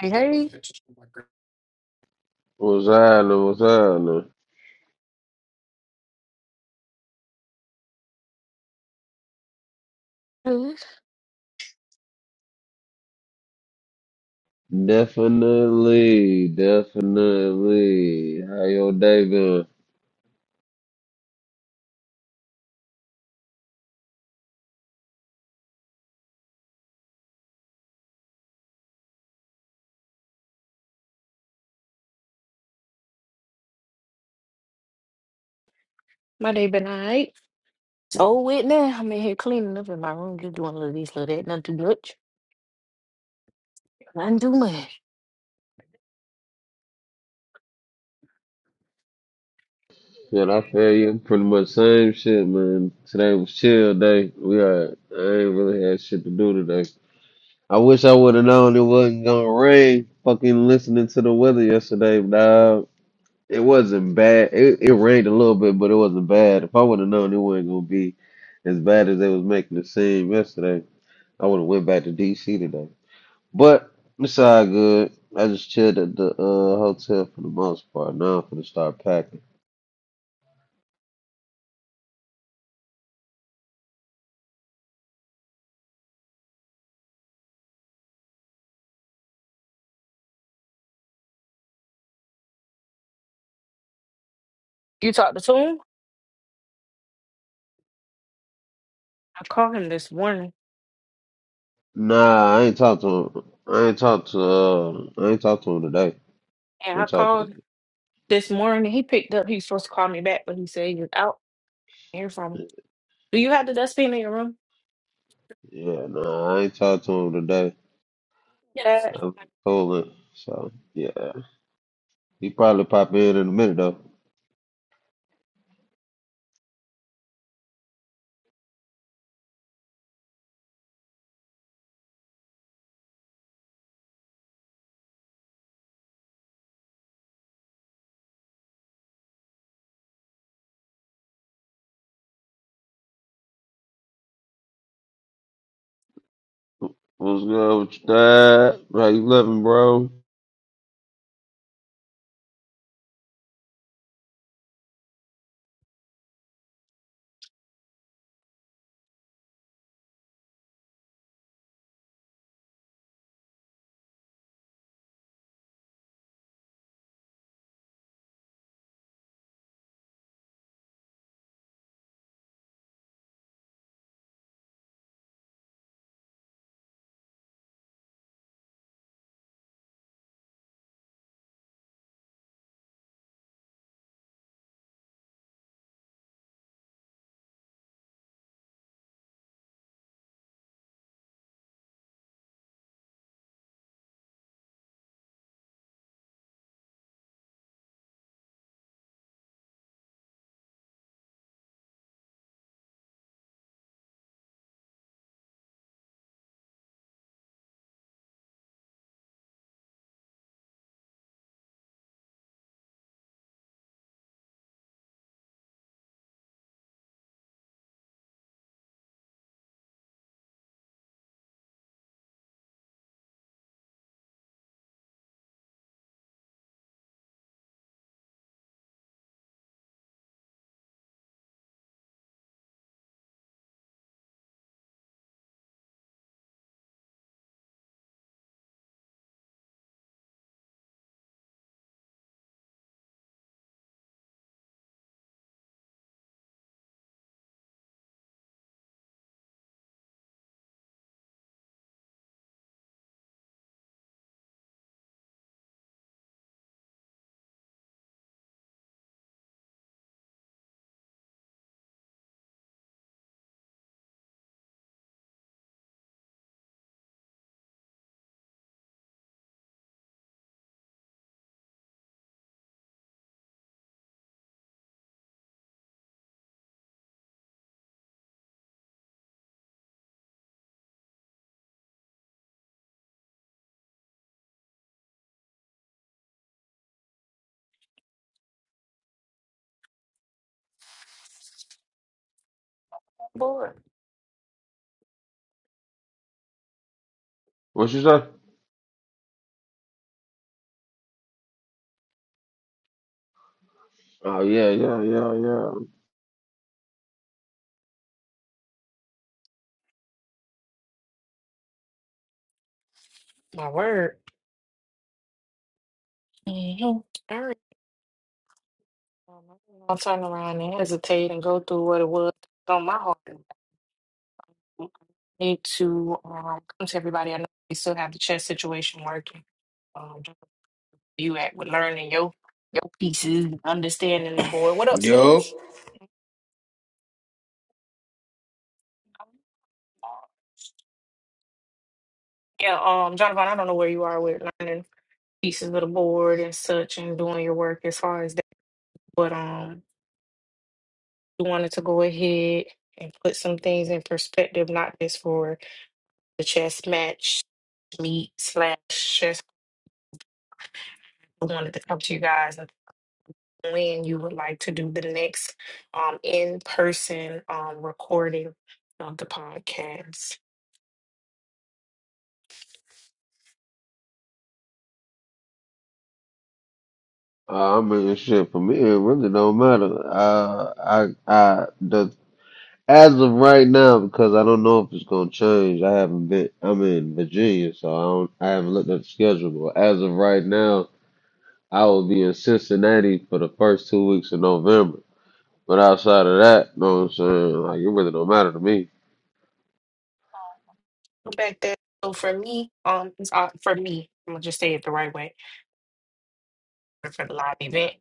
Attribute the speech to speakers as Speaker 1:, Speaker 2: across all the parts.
Speaker 1: Hey, hey.
Speaker 2: What's happening? What's happening?
Speaker 1: Hello.
Speaker 2: Definitely, definitely. How your day been?
Speaker 1: My day been alright. So with now, I'm in here cleaning up in my room, just doing a little this, little that, nothing too much. Nothing too much.
Speaker 2: Man, I feel you. Pretty much same shit, man. Today was chill day. We had, I ain't really had shit to do today. I wish I would have known it wasn't gonna rain. Fucking listening to the weather yesterday, dog. It wasn't bad. It, it rained a little bit, but it wasn't bad. If I would have known it wasn't gonna be as bad as they was making it seem yesterday, I would have went back to DC today. But it's all good. I just chilled at the uh, hotel for the most part. Now I'm finna start packing.
Speaker 1: You talked to him? I called him this morning.
Speaker 2: Nah, I ain't talked to him. I ain't talked to uh, I ain't talked to him today.
Speaker 1: And
Speaker 2: I
Speaker 1: I
Speaker 2: talked to
Speaker 1: called
Speaker 2: him.
Speaker 1: this morning. He picked up. He was supposed to call me back, but he said he was out. Hear from him. Do you have the dustpan in your room?
Speaker 2: Yeah, nah, I ain't talked to him today.
Speaker 1: Yeah.
Speaker 2: I'm calling. So yeah, he probably pop in in a minute though. What's good with you, Dad? How you living, bro?
Speaker 1: Board.
Speaker 2: What you say? Oh yeah, yeah, yeah, yeah.
Speaker 1: My word. hmm All right. Um, I'll turn around and hesitate and go through what it was on my heart. Need to um, come to everybody. I know we still have the chess situation working. Um, you at with learning your your pieces, understanding the board. What up,
Speaker 3: Yo,
Speaker 1: Spence? Yeah, um, Jonathan, I don't know where you are with learning pieces of the board and such and doing your work as far as that. But um, we wanted to go ahead and put some things in perspective, not just for the chess match meet slash chess. I wanted to come to you guys when you would like to do the next um, in-person um, recording of the podcast.
Speaker 2: Uh, I mean, shit for me, it really don't matter. Uh, I, I, the As of right now, because I don't know if it's gonna change. I haven't been. I'm in Virginia, so I don't. I haven't looked at the schedule. But as of right now, I will be in Cincinnati for the first two weeks of November. But outside of that, know what I'm saying? Like it really don't matter to me.
Speaker 1: Go Back then, so for me, um, it's, uh, for me, I'm gonna just say it the right way. For the live event,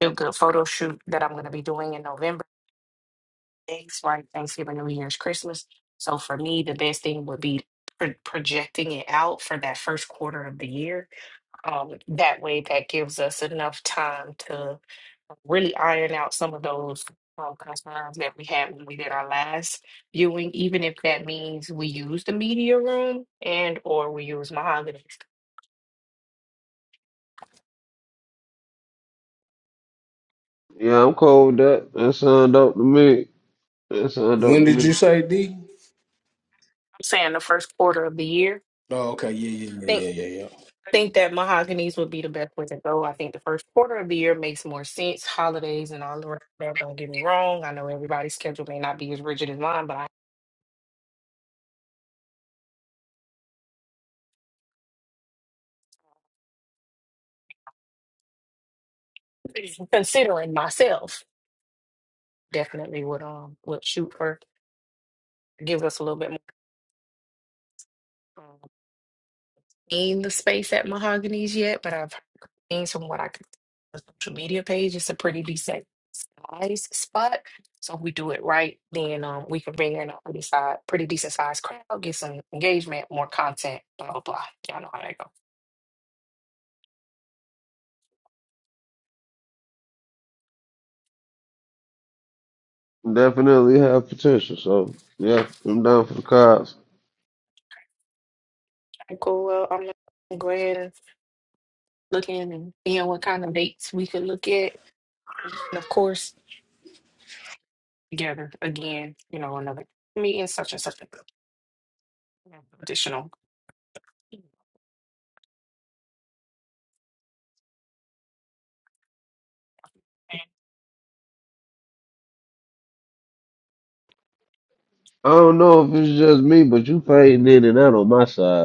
Speaker 1: feel good photo shoot that I'm gonna be doing in November. Thanks, right? Thanksgiving, New Year's, Christmas. So for me, the best thing would be pro- projecting it out for that first quarter of the year Um, that way, that gives us enough time to really iron out some of those um, concerns that we had when we did our last viewing, even if that means we use the media room and or we use mahogany.
Speaker 2: Yeah, I'm cool with that. That sound dope to me. That sound dope
Speaker 3: when
Speaker 2: to
Speaker 3: did you
Speaker 2: me.
Speaker 1: I'm
Speaker 3: say D?
Speaker 1: saying the first quarter of the year.
Speaker 3: Oh, okay, yeah, yeah,
Speaker 1: I
Speaker 3: yeah,
Speaker 1: Think
Speaker 3: yeah, yeah, yeah.
Speaker 1: I think that mahoganies would be the best way to go. I think the first quarter of the year makes more sense. Holidays and all around that. Don't get me wrong. I know everybody's schedule may not be as rigid as mine, but I'm considering myself definitely would um would shoot for give us a little bit more. um, In the space at Mahogany's yet, but I've seen from what I could on the social media page. It's a pretty decent size spot. So if we do it right, then um we can bring in a pretty size, pretty decent sized crowd, get some engagement, more content, blah blah blah. Y'all know how that go.
Speaker 2: Definitely have potential. So yeah, I'm down for the cause.
Speaker 1: Okay, Cool. Well, I'm gonna go ahead and looking and seeing what kind of dates we could look at, and of course together again. You know another meeting such and such additional.
Speaker 2: I don't know if it's just me, but you fading in and out on my side.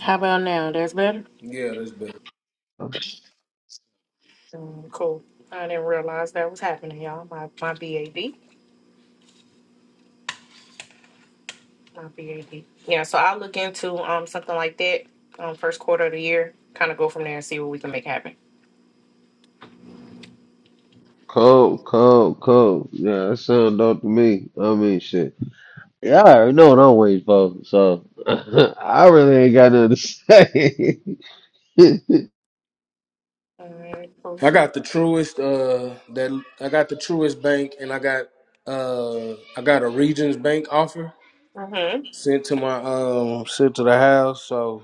Speaker 1: How about now? That's better?
Speaker 3: Yeah, that's better.
Speaker 1: Mm, cool. I didn't realize that was happening, y'all. My my BAD, my BAD. Yeah, so I'll look into um something like that um first quarter of the year. Kind of go from there and see what we can make happen.
Speaker 2: Cold, cold, cold. Yeah, that sound dope to me. I mean, shit. Yeah, I already know what I'm waiting for, so I really ain't got nothing to say.
Speaker 1: All right,
Speaker 3: I
Speaker 1: cool.
Speaker 3: got the truest uh that I got the truest bank and I got uh I got a Regions Bank offer
Speaker 1: Mm-hmm.
Speaker 3: sent to my um sent to the house, so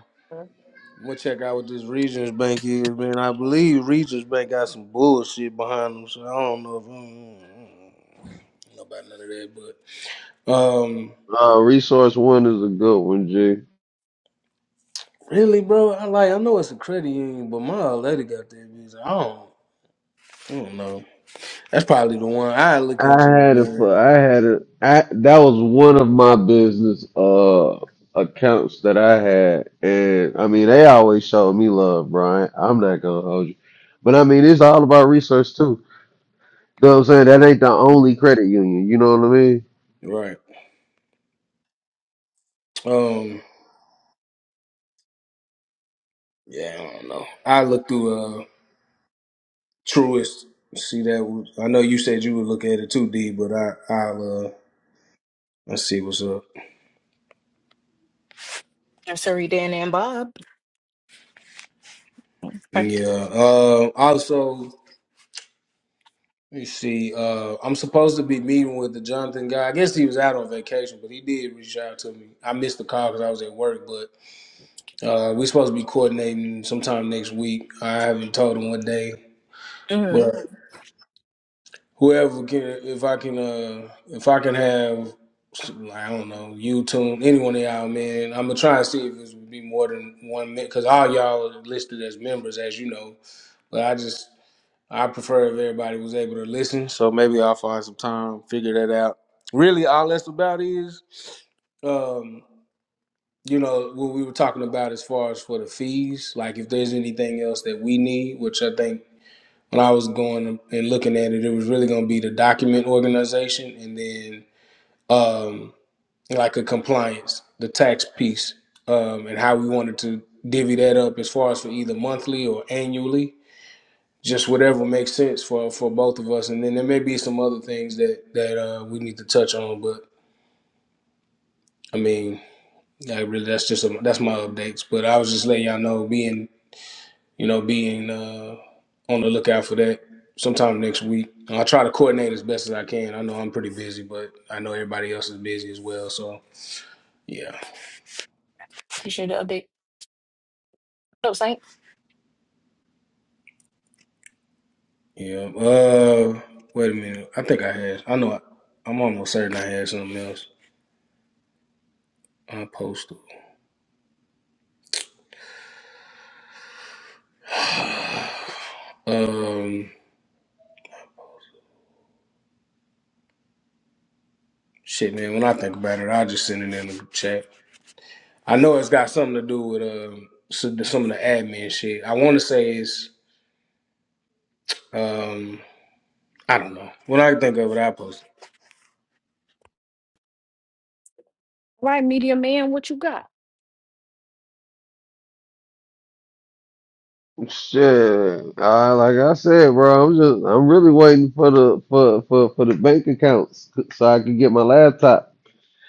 Speaker 3: I'm gonna check out what this Regions Bank is, man. I believe Regions Bank got some bullshit behind them, so I don't know if I don't know about none of that, but um
Speaker 2: uh, resource one is a good one, G.
Speaker 3: Really, bro? I like. I know it's a credit union, but my old lady got that bitch. I don't. I don't know. That's probably the one I look
Speaker 2: I
Speaker 3: into it,
Speaker 2: had a, fu-
Speaker 3: man.
Speaker 2: I had a, I that was one of my business uh accounts that I had, and I mean they always showed me love, Brian. I'm not gonna hold you, but I mean it's all about research too. You know what I'm saying? That ain't the only credit union. You know what I mean?
Speaker 3: Right. Um. Yeah, I don't know. I look through uh Truist. See that? I know you said you would look at it too, D. But I, I'll uh, let's see what's up.
Speaker 1: I'm sorry, Dan and Bob. Okay.
Speaker 3: Yeah. Uh. Also, you see, uh, I'm supposed to be meeting with the Jonathan guy. I guess he was out on vacation, but he did reach out to me. I missed the call because I was at work, but uh, we're supposed to be coordinating sometime next week. I haven't told him what day,
Speaker 1: hmm
Speaker 3: but. whoever can if I can uh if I can have I don't know YouTube any one of y'all man I'm gonna try and see if it would be more than one minute because all y'all are listed as members as you know but I just I prefer if everybody was able to listen so maybe I'll find some time figure that out really all that's about is um you know what we were talking about as far as for the fees like if there's anything else that we need which I think when I was going and looking at it, it was really going to be the document organization and then um, like a compliance, the tax piece, um, and how we wanted to divvy that up as far as for either monthly or annually, just whatever makes sense for, for both of us. And then there may be some other things that that uh, we need to touch on, but I mean, I really that's just a, that's my updates. But I was just letting y'all know, being you know, being uh, on the lookout for that sometime next week. I'll try to coordinate as best as I can. I know I'm pretty busy, but I know everybody else is busy as well. So yeah,
Speaker 1: You should update. So, Saint,
Speaker 3: yeah. Uh, wait a minute. I think I had. I know. I, I'm almost certain I had something else. I posted. Um, shit, man. When I think about it, I'll just send it in the chat. I know it's got something to do with um some some of the admin shit. I want to say it's um I don't know. When I think of it, I post. it.
Speaker 2: Shit, uh, like I said, bro, I'm just I'm really waiting for the for for for the bank accounts so I can get my laptop.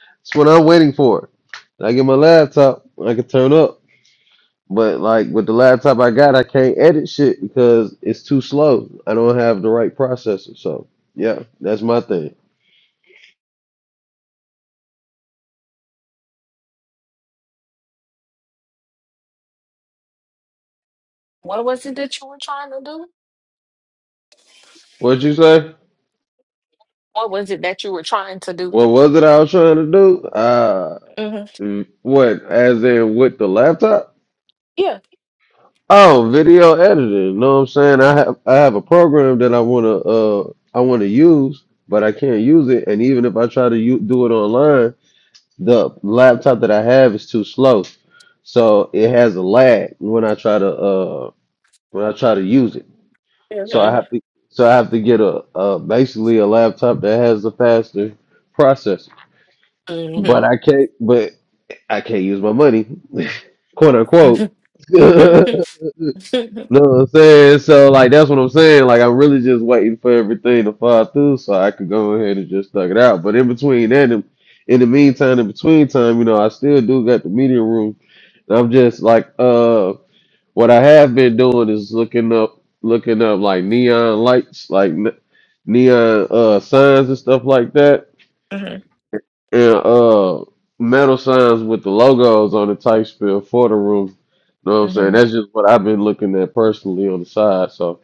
Speaker 2: That's what I'm waiting for. When I get my laptop, I can turn up. But like with the laptop I got, I can't edit shit because it's too slow. I don't have the right processor. So yeah, that's my thing.
Speaker 1: what was it that you were trying to do?
Speaker 2: What'd you say?
Speaker 1: What was it that you were trying to do?
Speaker 2: What was it I was trying to do? Uh,
Speaker 1: hmm
Speaker 2: what as in with the laptop?
Speaker 1: Yeah.
Speaker 2: Oh, video editing. You know what I'm saying? I have I have a program that I wanna uh I wanna use, but I can't use it. And even if I try to u- do it online, the laptop that I have is too slow, so it has a lag when I try to uh when I try to use it. So I
Speaker 1: hmm
Speaker 2: have to so I have to get a, a basically a laptop that has a faster processor. But
Speaker 1: hmm
Speaker 2: I can't. But I can't use my money, quote unquote.
Speaker 1: hmm
Speaker 2: know what I'm saying? So like that's what I'm saying. Like I'm really just waiting for everything to fall through so I could go ahead and just thug it out. But in between that and in the meantime, in between time, you know, I still do got the media room. And I'm just like uh what I have been doing is looking up looking up like neon lights, like ne- neon uh signs and stuff like that.
Speaker 1: hmm
Speaker 2: And uh metal signs with the logos on the type spill for the room. You know what I'm saying?
Speaker 1: hmm
Speaker 2: That's just what I've been looking at personally on the side. So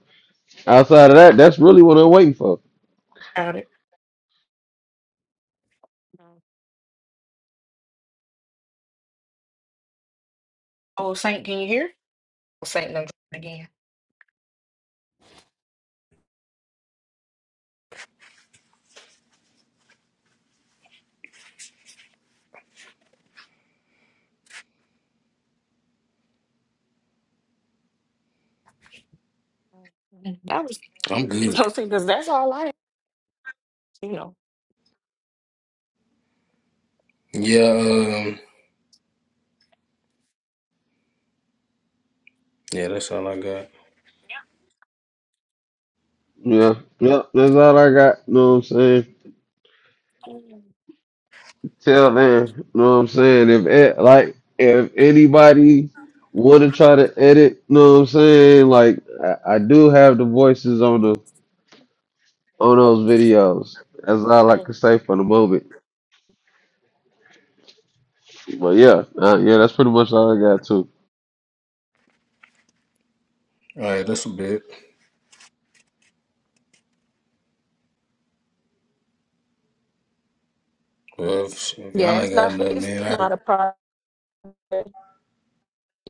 Speaker 2: Outside of that, that's really what I'm waiting for.
Speaker 1: Oh, Saint, can you hear? Oh, Saint done dropped again. Mhm. That was
Speaker 3: I'm good.
Speaker 1: so see because that's all I you know.
Speaker 3: Yeah, um, yeah, that's all I got.
Speaker 2: Yeah. Yep. That's all I got. You Know what I'm saying?
Speaker 1: Yeah.
Speaker 2: Till then, you know what I'm saying? If it, like if anybody wanna try to edit, you know what I'm saying? Like I, I do have the voices on the on those videos. That's all I
Speaker 1: Mm.
Speaker 2: can say for the moment. But yeah, uh, yeah, that's pretty much all I got too.
Speaker 3: All right, that's a bit. Well, if, if
Speaker 1: Yeah,
Speaker 3: y'all
Speaker 1: it's
Speaker 3: ain't got
Speaker 1: not
Speaker 3: nothing,
Speaker 1: it's
Speaker 3: man,
Speaker 1: not a project.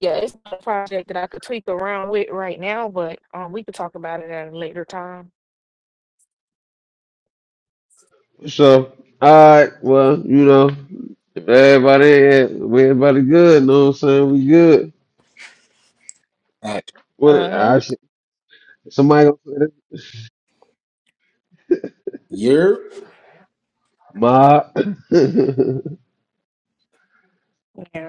Speaker 1: Yeah, it's not a project that I could tweak around with right now, but um we could talk about it at a later time.
Speaker 2: So, all right, well, you know, if everybody, if everybody good, you know what I'm saying? We good.
Speaker 3: I, I,
Speaker 2: What
Speaker 1: Uh huh.
Speaker 2: I should, somebody gonna say
Speaker 3: yeah.
Speaker 2: Ma.
Speaker 1: Yeah.